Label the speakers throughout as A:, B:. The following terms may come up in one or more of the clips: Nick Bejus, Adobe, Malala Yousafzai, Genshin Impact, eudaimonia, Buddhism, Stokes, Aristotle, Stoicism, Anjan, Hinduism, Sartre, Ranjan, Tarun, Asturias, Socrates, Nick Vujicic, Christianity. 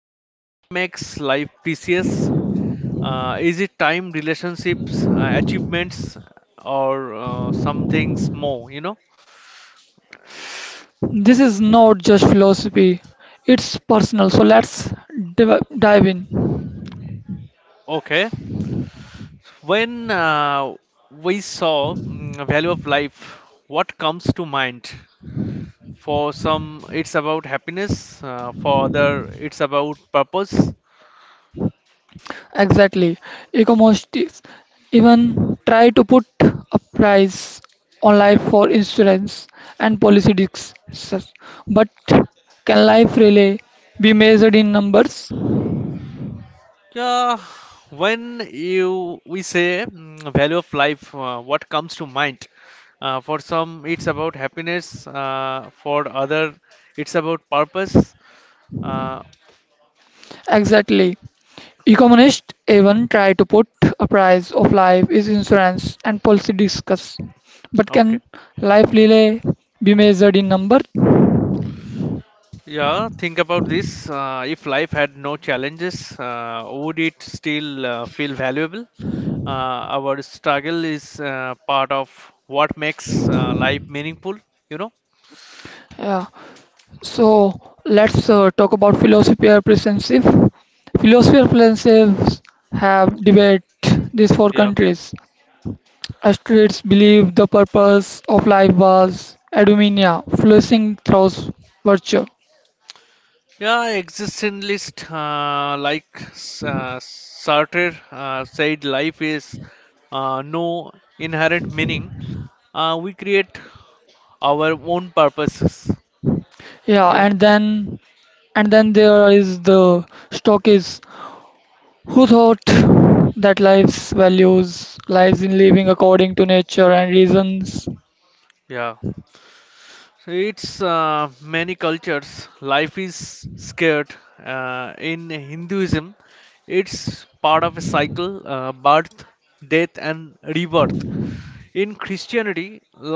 A: What makes life precious? Is it time, relationships, achievements, or some things more? You know.
B: This is not just philosophy, it's personal. So let's dive in.
A: Okay. When we saw value of life, what comes to mind? For some, it's about happiness. For other, it's about purpose.
B: Exactly. Economists even try to put a price on life for insurance and policy discussions. But can life really be measured in numbers?
A: Yeah, when you we say value of life, what comes to mind? For some, it's about happiness. For other, it's about purpose. Uh,
B: Exactly. Economists even try to put a price of life is insurance and policy discuss. But
A: okay.
B: can life really be measured in number?
A: Yeah, think about this. If life had no challenges, would it still feel valuable? Our struggle is part of what makes life meaningful, you know?
B: Yeah. So let's talk about philosophy or principles. Philosophy or principles have debate these four
A: Yeah.
B: countries. Asturias believed the purpose of life was eudaimonia, flourishing through virtue.
A: Yeah, existentialist, like Sartre said, life is no inherent meaning. We create our own purposes.
B: Yeah,
A: You know,
B: and then there is the Stokes who thought that life's values lies in living according to nature and reasons?
A: yeah. So it's many cultures. Life is scared. In Hinduism, it's part of a cycle: birth, death, and rebirth. In Christianity,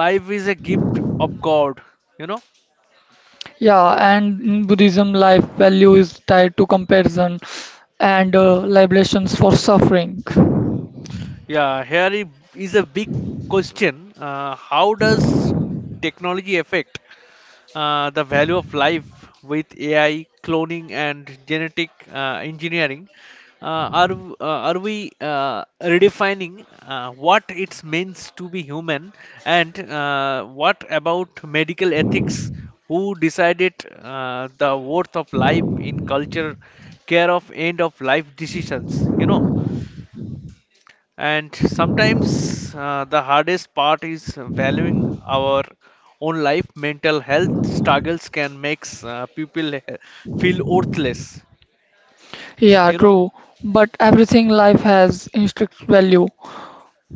A: life is a gift of God. You know.
B: Yeah, and in Buddhism, life value is tied to comparison and libations for suffering.
A: Yeah, here is a big question. How does technology affect the value of life with AI, cloning, and genetic engineering? Are we redefining what it means to be human, and what about medical ethics? Who decided the worth of life in culture, care of end of life decisions? You know. And sometimes the hardest part is valuing our own life. Mental health struggles can make people feel worthless.
B: Yeah,
A: You know,
B: true. But everything life has intrinsic value.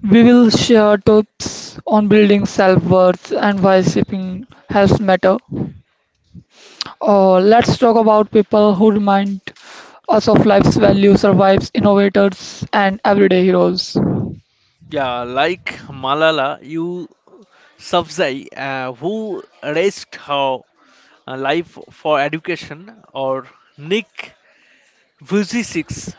B: We will share tips on building self-worth and why shipping helps matter. Let's talk about people who remind us of life's value, survives, innovators, and everyday heroes.
A: yeah, like Malala Yousafzai, who risked her life for education, or Nick Vujicic,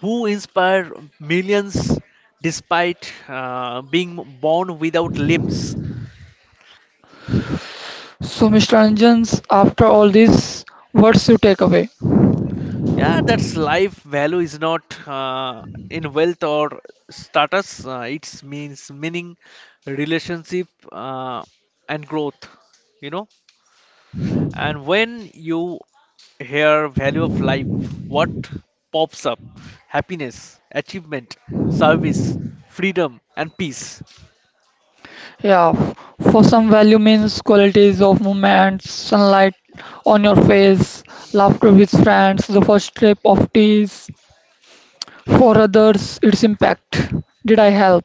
A: who inspired millions despite being born without limbs.
B: So, Mr. Ranjans, after all this, what's your takeaway?
A: Yeah, that's life value is not in wealth or status. It means meaning, relationship, and growth. You know, and when you hear value of life, what pops up? Happiness, achievement, service, freedom, and peace.
B: Yeah, f- for some value means qualities of movement, sunlight on your face, laughter with friends, the first sip of teas. For others, its impact. Did I help?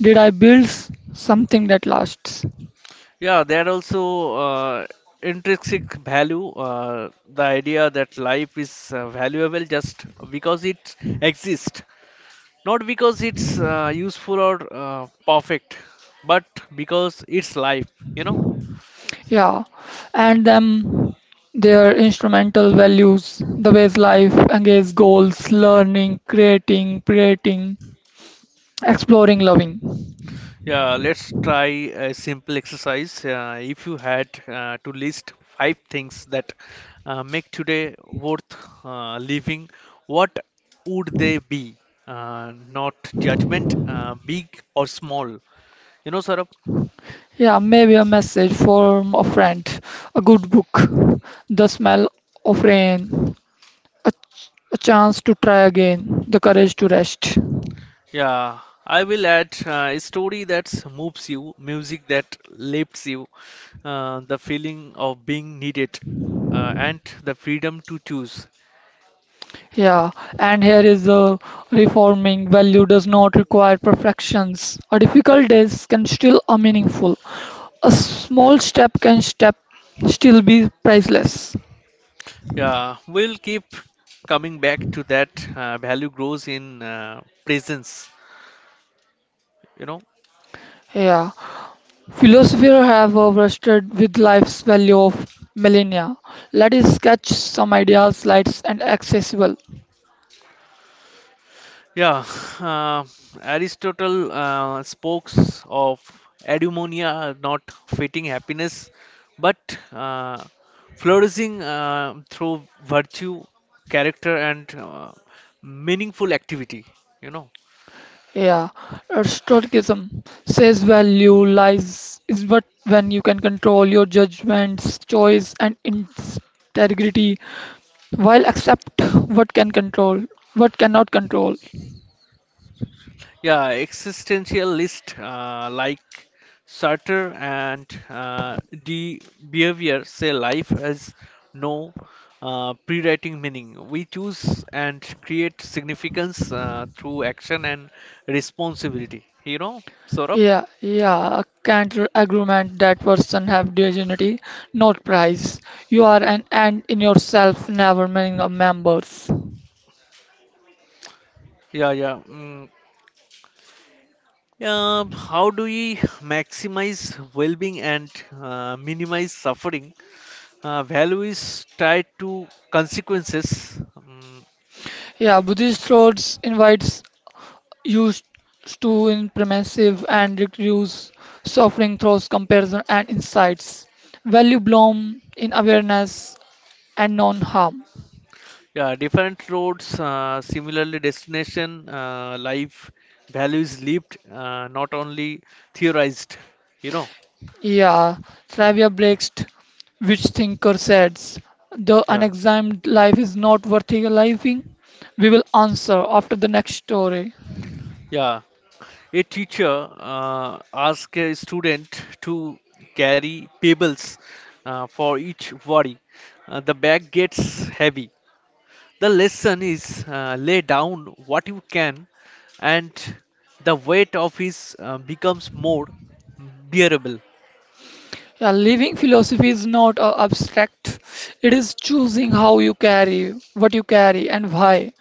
B: Did I build something that lasts?
A: Yeah, there are also intrinsic value. The idea that life is valuable just because it exists, not because it's useful or perfect, but because it's life, you know.
B: Yeah, and then their instrumental values, the ways life engage goals, learning, creating, exploring, loving.
A: Yeah, let's try a simple exercise. If you had to list five things that make today worth living, what would they be? Not judgment, big or small. You know, Sarab?
B: Yeah, maybe a message from a friend, a good book, the smell of rain, a, a chance to try again, the courage to rest.
A: Yeah, I will add a story that moves you, music that lifts you, the feeling of being needed, and the freedom to choose.
B: Yeah, and here is the reforming value does not require perfections. A difficult days can still are meaningful. A small step can step still be priceless.
A: Yeah, we'll keep coming back to that. Value grows in presence, you know.
B: Yeah. Philosophers have wrestled with life's value of millennia. Let us sketch some ideas light and accessible.
A: Yeah, uh, Aristotle spoke of eudaimonia, not fitting happiness, but uh, flourishing through virtue, character, and meaningful activity. You know.
B: Yeah. Stoicism says value lies is what when you can control your judgments, choice and integrity while accept what can control what cannot control.
A: Yeah, existentialist like Sartre and de Behavior say life has no pre-writing meaning. We choose and create significance through action and responsibility. You know, sort of.
B: Yeah, yeah, a counter agreement that person have dignity, not price. You are an ant in yourself, never meaning a members.
A: Yeah, yeah. Mm. Yeah, how do we maximize well-being and minimize suffering? Value is tied to consequences. Mm.
B: Yeah, Buddhist roads invites you s- to in permissive and reduce suffering through comparison and insights. Value bloom in awareness and non-harm.
A: Yeah, different roads, similarly, destination, life values lived, not only theorized, you know.
B: Yeah, Slavia Brecht, which thinker says the
A: Yeah,
B: unexamined life is not worth living? We will answer after the next story.
A: yeah. A teacher asks a student to carry pebbles for each worry. The bag gets heavy. The lesson is lay down what you can, and the weight of his becomes more bearable.
B: Yeah, living philosophy is not abstract. It is choosing how you carry, what you carry, and why.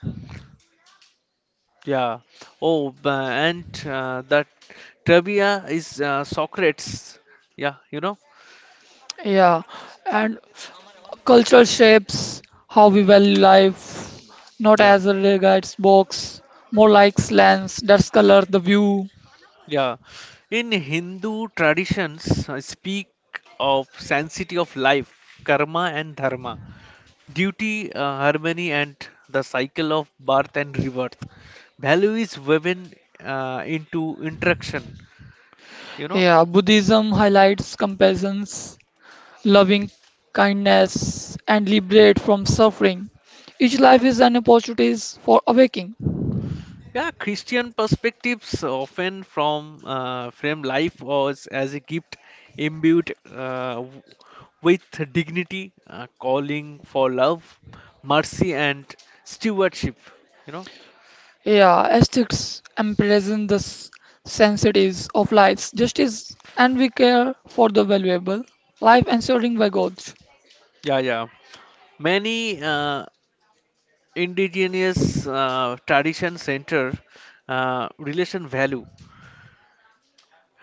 A: Yeah. And that trivia is Socrates. Yeah, you know?
B: Yeah, and cultural shapes how we value life, not
A: Yeah.
B: as a guides box, more like lens that color the view.
A: Yeah. In Hindu traditions, speak of sanctity of life, karma and dharma, duty, harmony, and the cycle of birth and rebirth. Value is woven into interaction, you know?
B: Yeah, Buddhism highlights compassions loving kindness, and liberate from suffering. Each life is an opportunity for awakening.
A: Yeah, Christian perspectives often from frame life was as a gift imbued with dignity, calling for love, mercy, and stewardship. You know,
B: Yeah, aesthetics embraces sensities of life's justice and we care for the valuable life ensuring by God.
A: yeah, yeah. Many indigenous tradition center relation value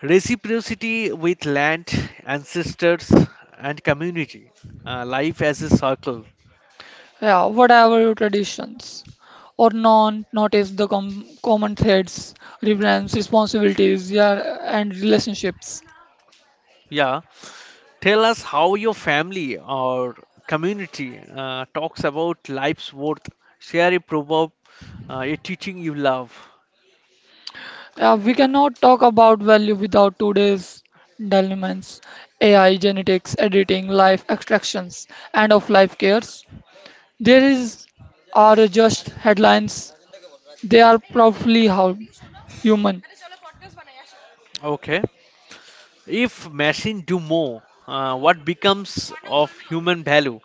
A: reciprocity with land, ancestors, and community. Life as a circle.
B: Yeah, whatever your traditions or non, notice the common threads, reverence, responsibilities, yeah, and relationships.
A: Yeah. Tell us how your family or community talks about life's worth. Share a proverb, a teaching you love.
B: Yeah, we cannot talk about value without today's dilemmas AI, genetics, editing, life extractions, and of life cares. There is are just headlines. They are probably how human.
A: Okay. If machine do more, what becomes of human value?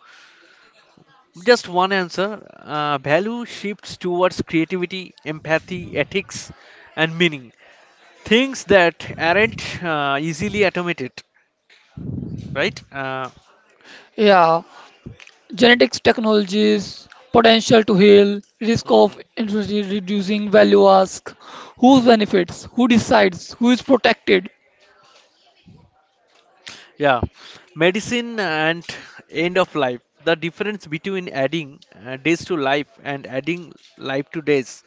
A: Just one answer. Value shifts towards creativity, empathy, ethics, and meaning. Things that aren't easily automated, right?
B: Yeah, genetics technologies, potential to heal, risk
A: Mhm,
B: of infertility reducing value ask, who
A: mhm.
B: benefits, who decides, who is protected.
A: Yeah, medicine and end of life. The difference between adding days to life and adding life to days.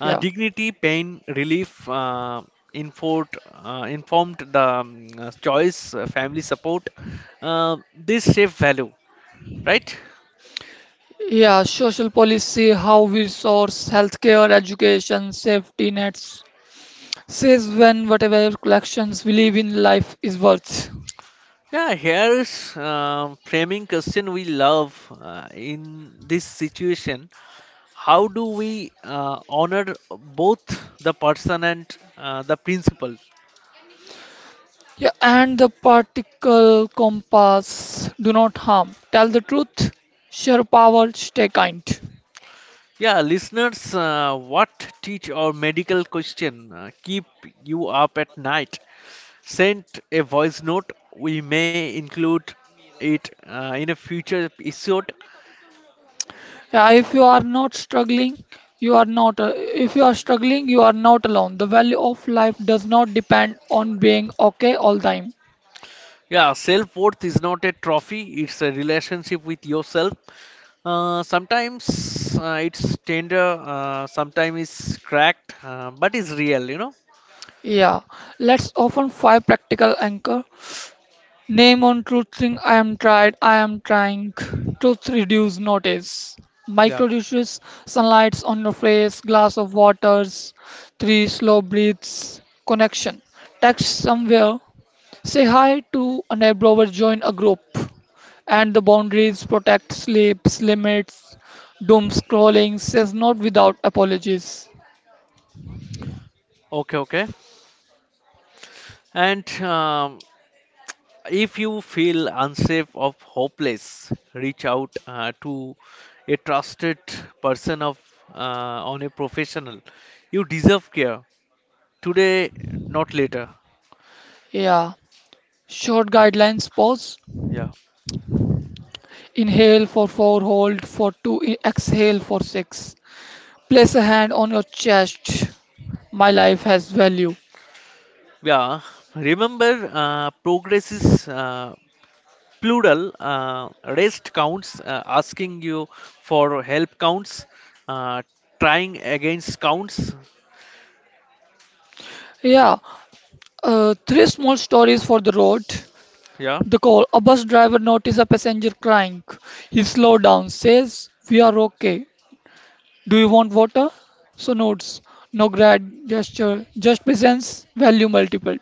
B: Yeah.
A: Dignity, pain, relief, informed, informed the choice, family support. This shape value, right?
B: Yeah, social policy, how we source healthcare, education, safety nets, says when whatever collections we live in life is worth.
A: Yeah, here's framing question we love in this situation. How do we honor both the person and the principle?
B: Yeah, and the particle compass, do not harm. Tell the truth, share power, stay kind.
A: Yeah, listeners, what teach or medical question keep you up at night? Send a voice note. We may include it in a future episode.
B: Yeah, if you are not struggling, you are not. If you are struggling, you are not alone. The value of life does not depend on being okay all time.
A: Yeah, self worth is not a trophy, it's a relationship with yourself. Sometimes it's tender, sometimes it's cracked, but it's real, you know.
B: Yeah, let's often five practical anchor. Name on truth truthing I am tried, I am trying. Truth reduce notice.
A: Yeah.
B: Micro reduces sunlights on your face, glass of waters, three slow breaths, connection. Text somewhere, say hi to a neighbor or join a group. And the boundaries protect sleeps, limits, doom scrolling says not without apologies.
A: Okay, okay. And If you feel unsafe or hopeless, reach out to a trusted person of uh, on a professional. You deserve care today, not later.
B: Yeah. Short guidelines pause.
A: Yeah,
B: Inhale for 4, hold for 2, exhale for 6. Place a hand on your chest. My life has value.
A: yeah. Remember, progress is plural. Rest counts. Asking you for help counts. Uh, trying against counts.
B: Yeah, three small stories for the road.
A: Yeah.
B: The call. A bus driver notices a passenger crying. He slows down, says, we are okay. Do you want water? So notes, no grad gesture, just presence, value multiplied.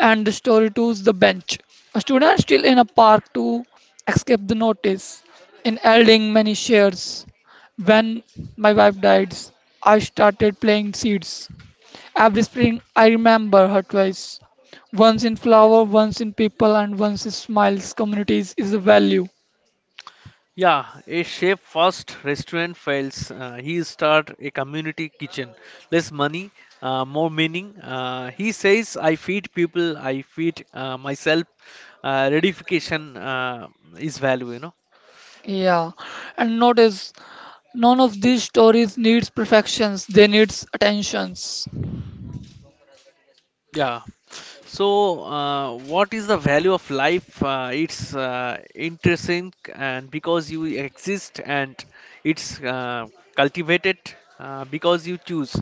B: And the story two is the bench. A student still in a park to escape the notice. In elding many shares. When my wife died, I started playing seeds. Every spring I remember her twice. Once in flower, once in people, and once in smiles. Communities is a value.
A: Yeah, a chef first restaurant fails. He start a community kitchen. Less money, more meaning. He says, "I feed people. I feed myself. Redification is value." You know.
B: Yeah, and notice none of these stories needs perfections, they needs attentions.
A: Yeah. So, what is the value of life? It's interesting, and because you exist, and it's cultivated because you choose.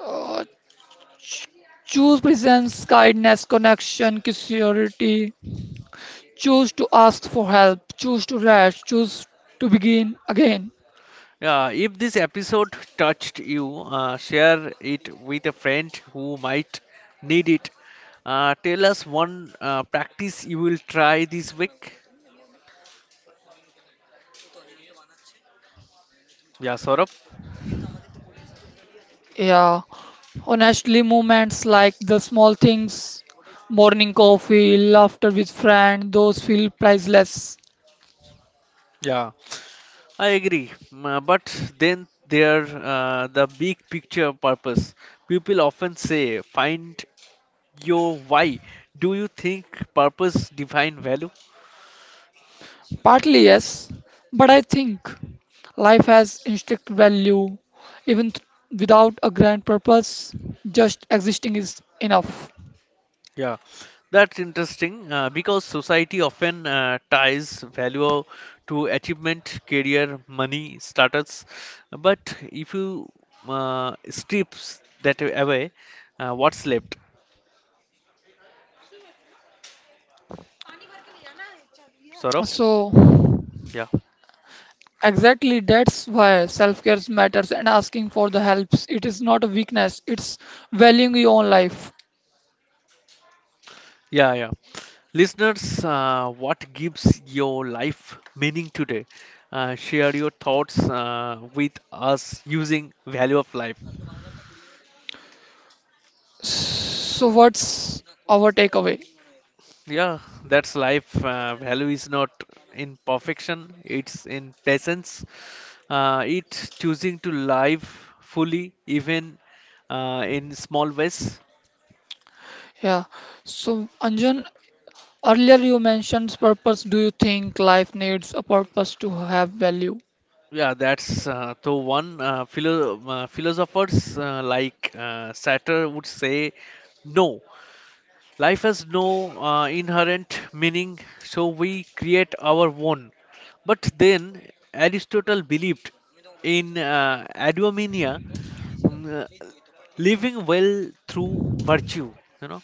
B: Uh, ch- Choose presence, kindness, connection, curiosity. Choose to ask for help. Choose to rest. Choose to begin again.
A: If this episode touched you, share it with a friend who might need it. Tell us one practice you will try this week. Yeah, Saurabh.
B: Yeah. Honestly, moments like the small things, morning coffee, laughter with friend, those feel priceless.
A: Yeah, I agree. But then there the big picture purpose. People often say, find your why. Do you think purpose define value?
B: Partly yes, but I think life has intrinsic value even th- without a grand purpose, just existing is enough.
A: Yeah, that's interesting because society often ties value to achievement, career, money, status. But if you strips that away, what's left? Saurabh?
B: So
A: Yeah,
B: exactly that's why self-care matters and asking for the helps. It is not a weakness, it's valuing your own life.
A: yeah. Listeners, what gives your life meaning today? Share your thoughts with us using value of life.
B: So what's our takeaway?
A: Yeah, that's life. Value is not in perfection, it's in presence. It's choosing to live fully, even in small ways.
B: Yeah. So Anjan, earlier you mentioned purpose. Do you think life needs a purpose to have value?
A: Yeah, that's the one philosophers like Sartre would say no. Life has no inherent meaning, so we create our own. But then Aristotle believed in eudaimonia, Mm, uh, living well through virtue, you know.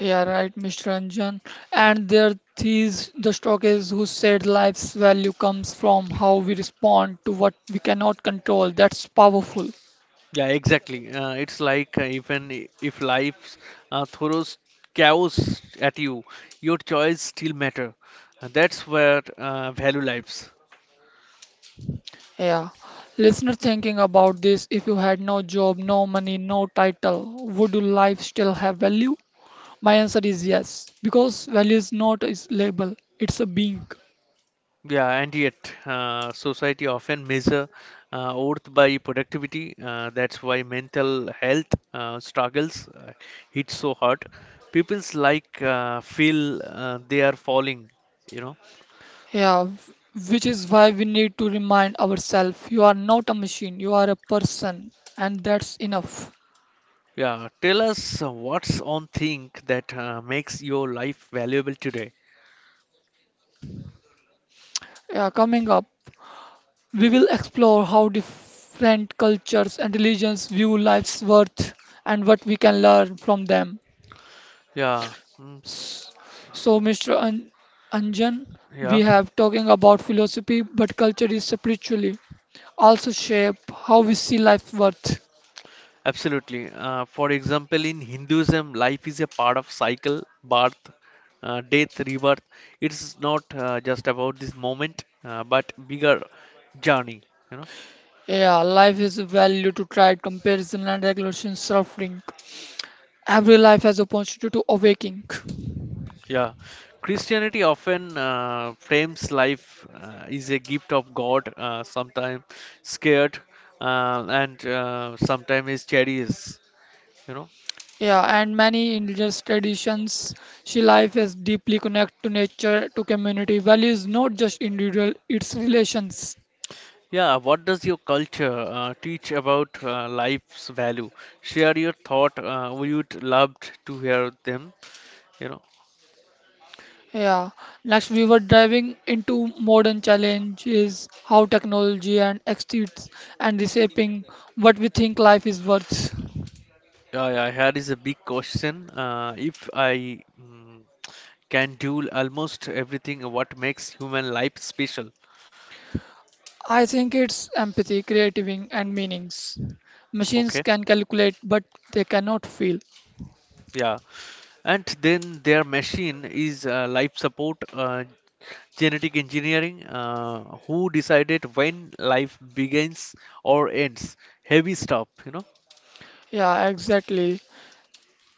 B: Yeah, right, Mr. Ranjan. And there is the stock is who said life's value comes from how we respond to what we cannot control. That's powerful.
A: Yeah, exactly, it's like even if life throws chaos at you, your choice still matter, and that's where value lives.
B: Yeah. Listener thinking about this, if you had no job, no money, no title, would your life still have value? My answer is yes, because value is not a label, it's a being.
A: Yeah, and yet society often measure worth by productivity. Uh, that's why mental health struggles hit so hard. People's like feel they are falling, you know.
B: Which is why we need to remind ourselves you are not a machine, you are a person, and that's enough.
A: Yeah, tell us what's on think that makes your life valuable today.
B: Yeah, coming up, we will explore how different cultures and religions view life's worth and what we can learn from them.
A: Yeah, mm, s-
B: S- So, Mr. An- Anjan, we
A: yeah,
B: have talking about philosophy, but culture is spiritually also shape how we see life's worth.
A: absolutely. For example, in Hinduism, life is a part of cycle, birth, death, rebirth. It's not just about this moment, but bigger journey. You know.
B: Yeah, life is a value to try comparison and regulation suffering. Every life has opportunity to awaking.
A: Yeah, Christianity often frames life is a gift of God. Sometimes scared, and sometimes is cherished. You know.
B: Yeah, and many indigenous traditions, she life is deeply connected to nature, to community values, not just individual, its relations.
A: Yeah, what does your culture teach about life's value? Share your thought, we would love to hear them, you know.
B: Yeah. Next, we were diving into modern challenges, how technology and exits and reshaping what we think life is worth.
A: Yeah, yeah, here is a big question. Uh, if i mm, can do almost everything, what makes human life special?
B: I think it's empathy, creativity, and meanings. Machines
A: Okay.
B: can calculate, but they cannot feel.
A: Yeah, and then their machine is life support, genetic engineering. Uh, who decided when life begins or ends? Heavy stuff, you know.
B: Yeah, exactly.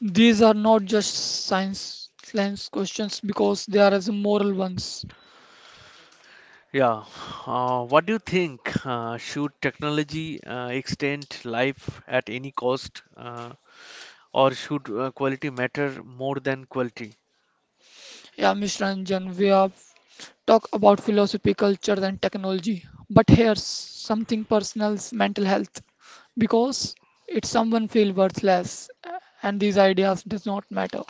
B: These are not just science questions because they are as moral ones.
A: Yeah. What do you think? Should technology extend life at any cost, or should quality matter more than quality?
B: Yeah, Mr. Ranjan, we have talked about philosophy, culture, and technology, but here's something personal: mental health, because it's someone feel worthless, and these ideas does not matter.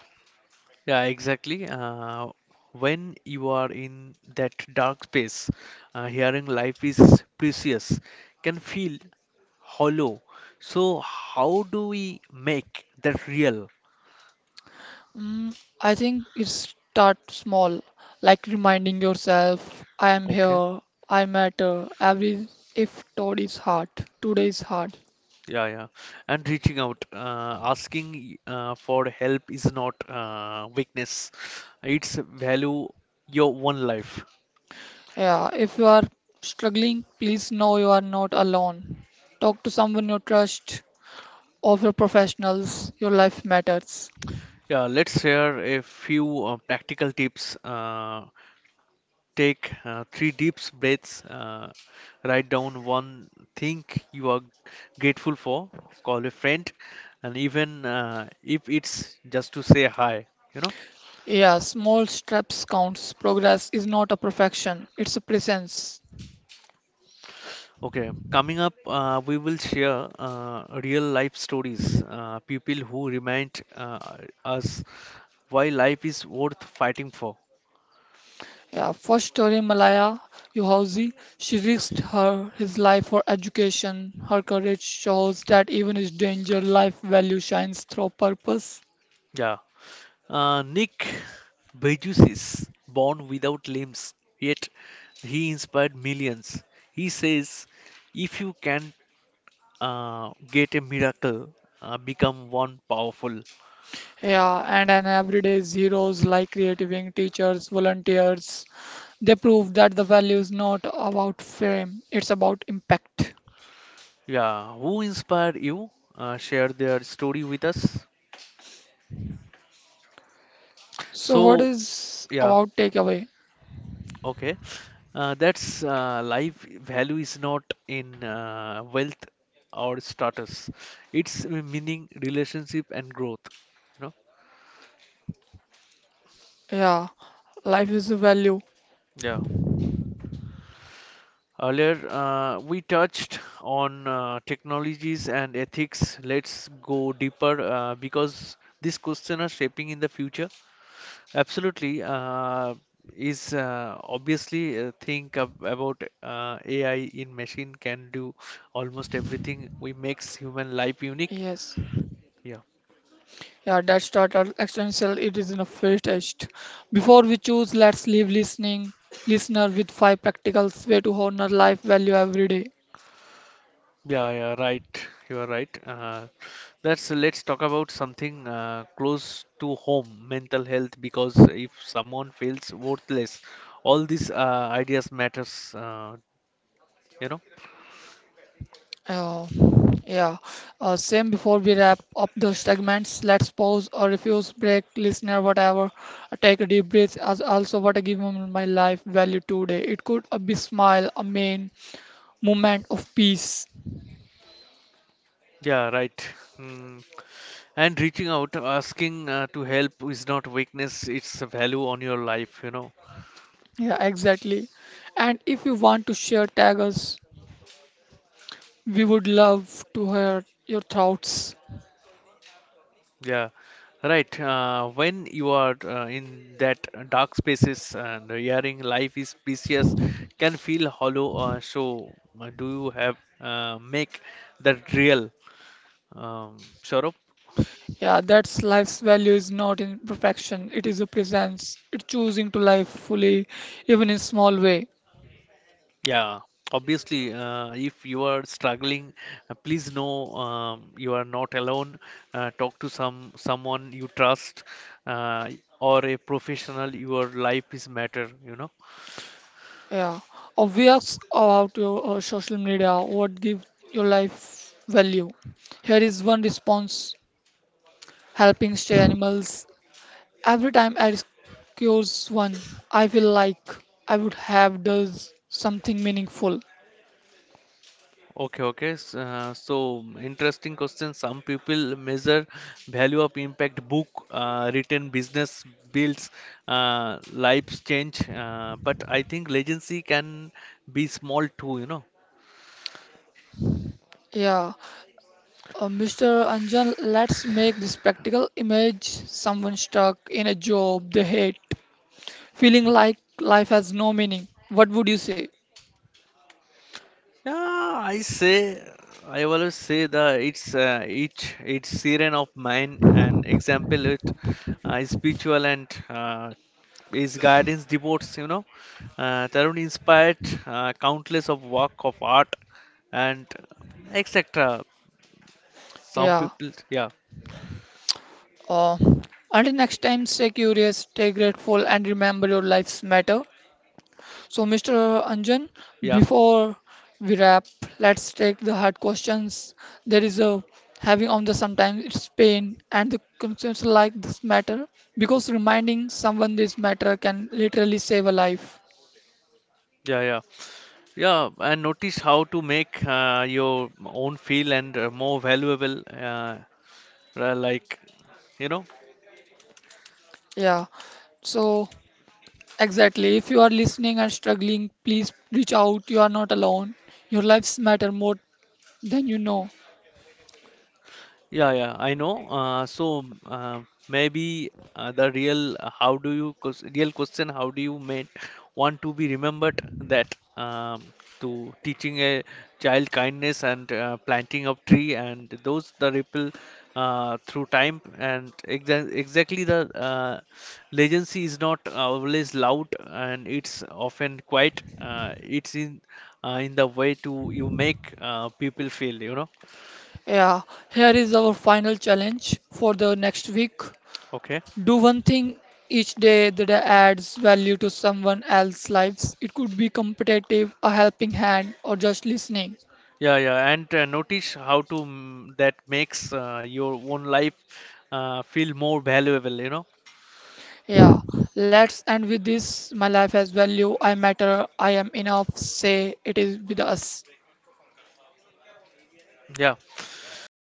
A: Yeah, exactly. When you are in that dark space, hearing life is precious can feel hollow. So, how do we make that real?
B: Mm, I think it start small, like reminding yourself, I am
A: Okay.
B: here, I matter. Every if today is hard, today is hard.
A: Yeah, yeah. And reaching out, asking for help is not weakness. It's value your one life.
B: Yeah, if you are struggling, please know you are not alone. Talk to someone you trust or professionals. Your life matters.
A: Yeah, let's share a few practical tips. Take three deep breaths. Write down one thing you are grateful for. Call a friend, and even if it's just to say hi, you know.
B: Yeah, small steps counts. Progress is not a perfection, it's a presence.
A: Okay, coming up, we will share real life stories, people who remind us why life is worth fighting for.
B: Yeah, first story Malaya Yousafzai, she risked her his life for education. Her courage shows that even in danger, life value shines through purpose.
A: Yeah. Nick Bejus is born without limbs, yet he inspired millions. He says, if you can get a miracle, become one powerful.
B: Yeah, and an everyday heroes like creative wing teachers, volunteers, they prove that the value is not about fame, it's about impact.
A: Yeah. Who inspired you? Share their story with us.
B: So, what
A: So,
B: is
A: yeah.
B: about takeaway?
A: Okay. That's life value is not in wealth or status. It's meaning, relationship, and growth. You know.
B: Yeah, life is a value.
A: Yeah. Earlier, we touched on technologies and ethics. Let's go deeper because these questions are shaping in the future. Absolutely. Is obviously think about AI in machine can do almost everything we makes human life unique.
B: Yes.
A: Yeah,
B: Yeah, that's that our existential. It is in a fair test. Before we choose, let's leave listening listener with five practical way to honor life value every day.
A: yeah, yeah. Right, you are right. That's, let's talk about something close to home, mental health. Because if someone feels worthless, all these ideas matters. You know.
B: Oh, yeah. Same before we wrap up the segments, let's pause or refuse, break, listener, whatever. Take a deep breath. As also, what I give him my life value today. It could be smile, a main moment of peace.
A: Yeah, right. Mm, and reaching out asking to help is not weakness, it's a value on your life, you know.
B: Yeah, exactly. And if you want to share, tag us. We would love to hear your thoughts.
A: Yeah, right, when you are in that dark spaces and hearing life is precious can feel hollow, so do you have make that real, Saurabh?
B: Yeah, that's life's value is not in perfection. It is a presence. It's choosing to live fully, even in small way.
A: Yeah, obviously, if you are struggling, please know you are not alone. Talk to someone you trust uh, or a professional. Your life is matter, you know.
B: Yeah. We asked about your social media, what give your life value. Here is one response, helping stray animals. Every time I rescues one, I feel like I would have does something meaningful.
A: Okay, okay. So, interesting question. Some people measure value of impact book, written business builds, uh, lives change. But I think legacy can be small too, you know.
B: Yeah. Mr. Anjan, let's make this practical image someone stuck in a job they hate, feeling like life has no meaning. What would you say?
A: Yeah, I say, I always say that it's each siren of mine an example it is spiritual and his guidance devotes, you know. Uh, Tarun inspired countless of work of art and etc. Some
B: Yeah.
A: people, yeah,
B: Uh, until next time, stay curious, stay grateful, and remember your lives matter. So, Mr. Anjan,
A: yeah,
B: before we wrap, let's take the hard questions. There is a having on the sometimes it's pain and the concerns like this matter because reminding someone this matter can literally save a life.
A: yeah. Yeah, and notice how to make your own feel and more valuable, like you know.
B: Yeah. So, exactly. If you are listening and struggling, please reach out. You are not alone. Your lives matter more than you know.
A: Yeah, yeah, I know. So, maybe the real, how do you ques- real question, how do you make want to be remembered? That To teaching a child kindness and planting of tree, and those the ripple through time, and exactly the uh, legacy is not always loud, and it's often quiet. It's in the way to you make people feel, you know.
B: Yeah, here is our final challenge for the next week.
A: Okay.
B: Do one thing each day that adds value to someone else's lives. It could be competitive, a helping hand, or just listening.
A: Yeah, yeah, and notice how to that makes your own life feel more valuable, you know.
B: Yeah, let's end with this. My life has value. I matter. I am enough. Say it is with us.
A: Yeah,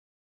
A: yeah.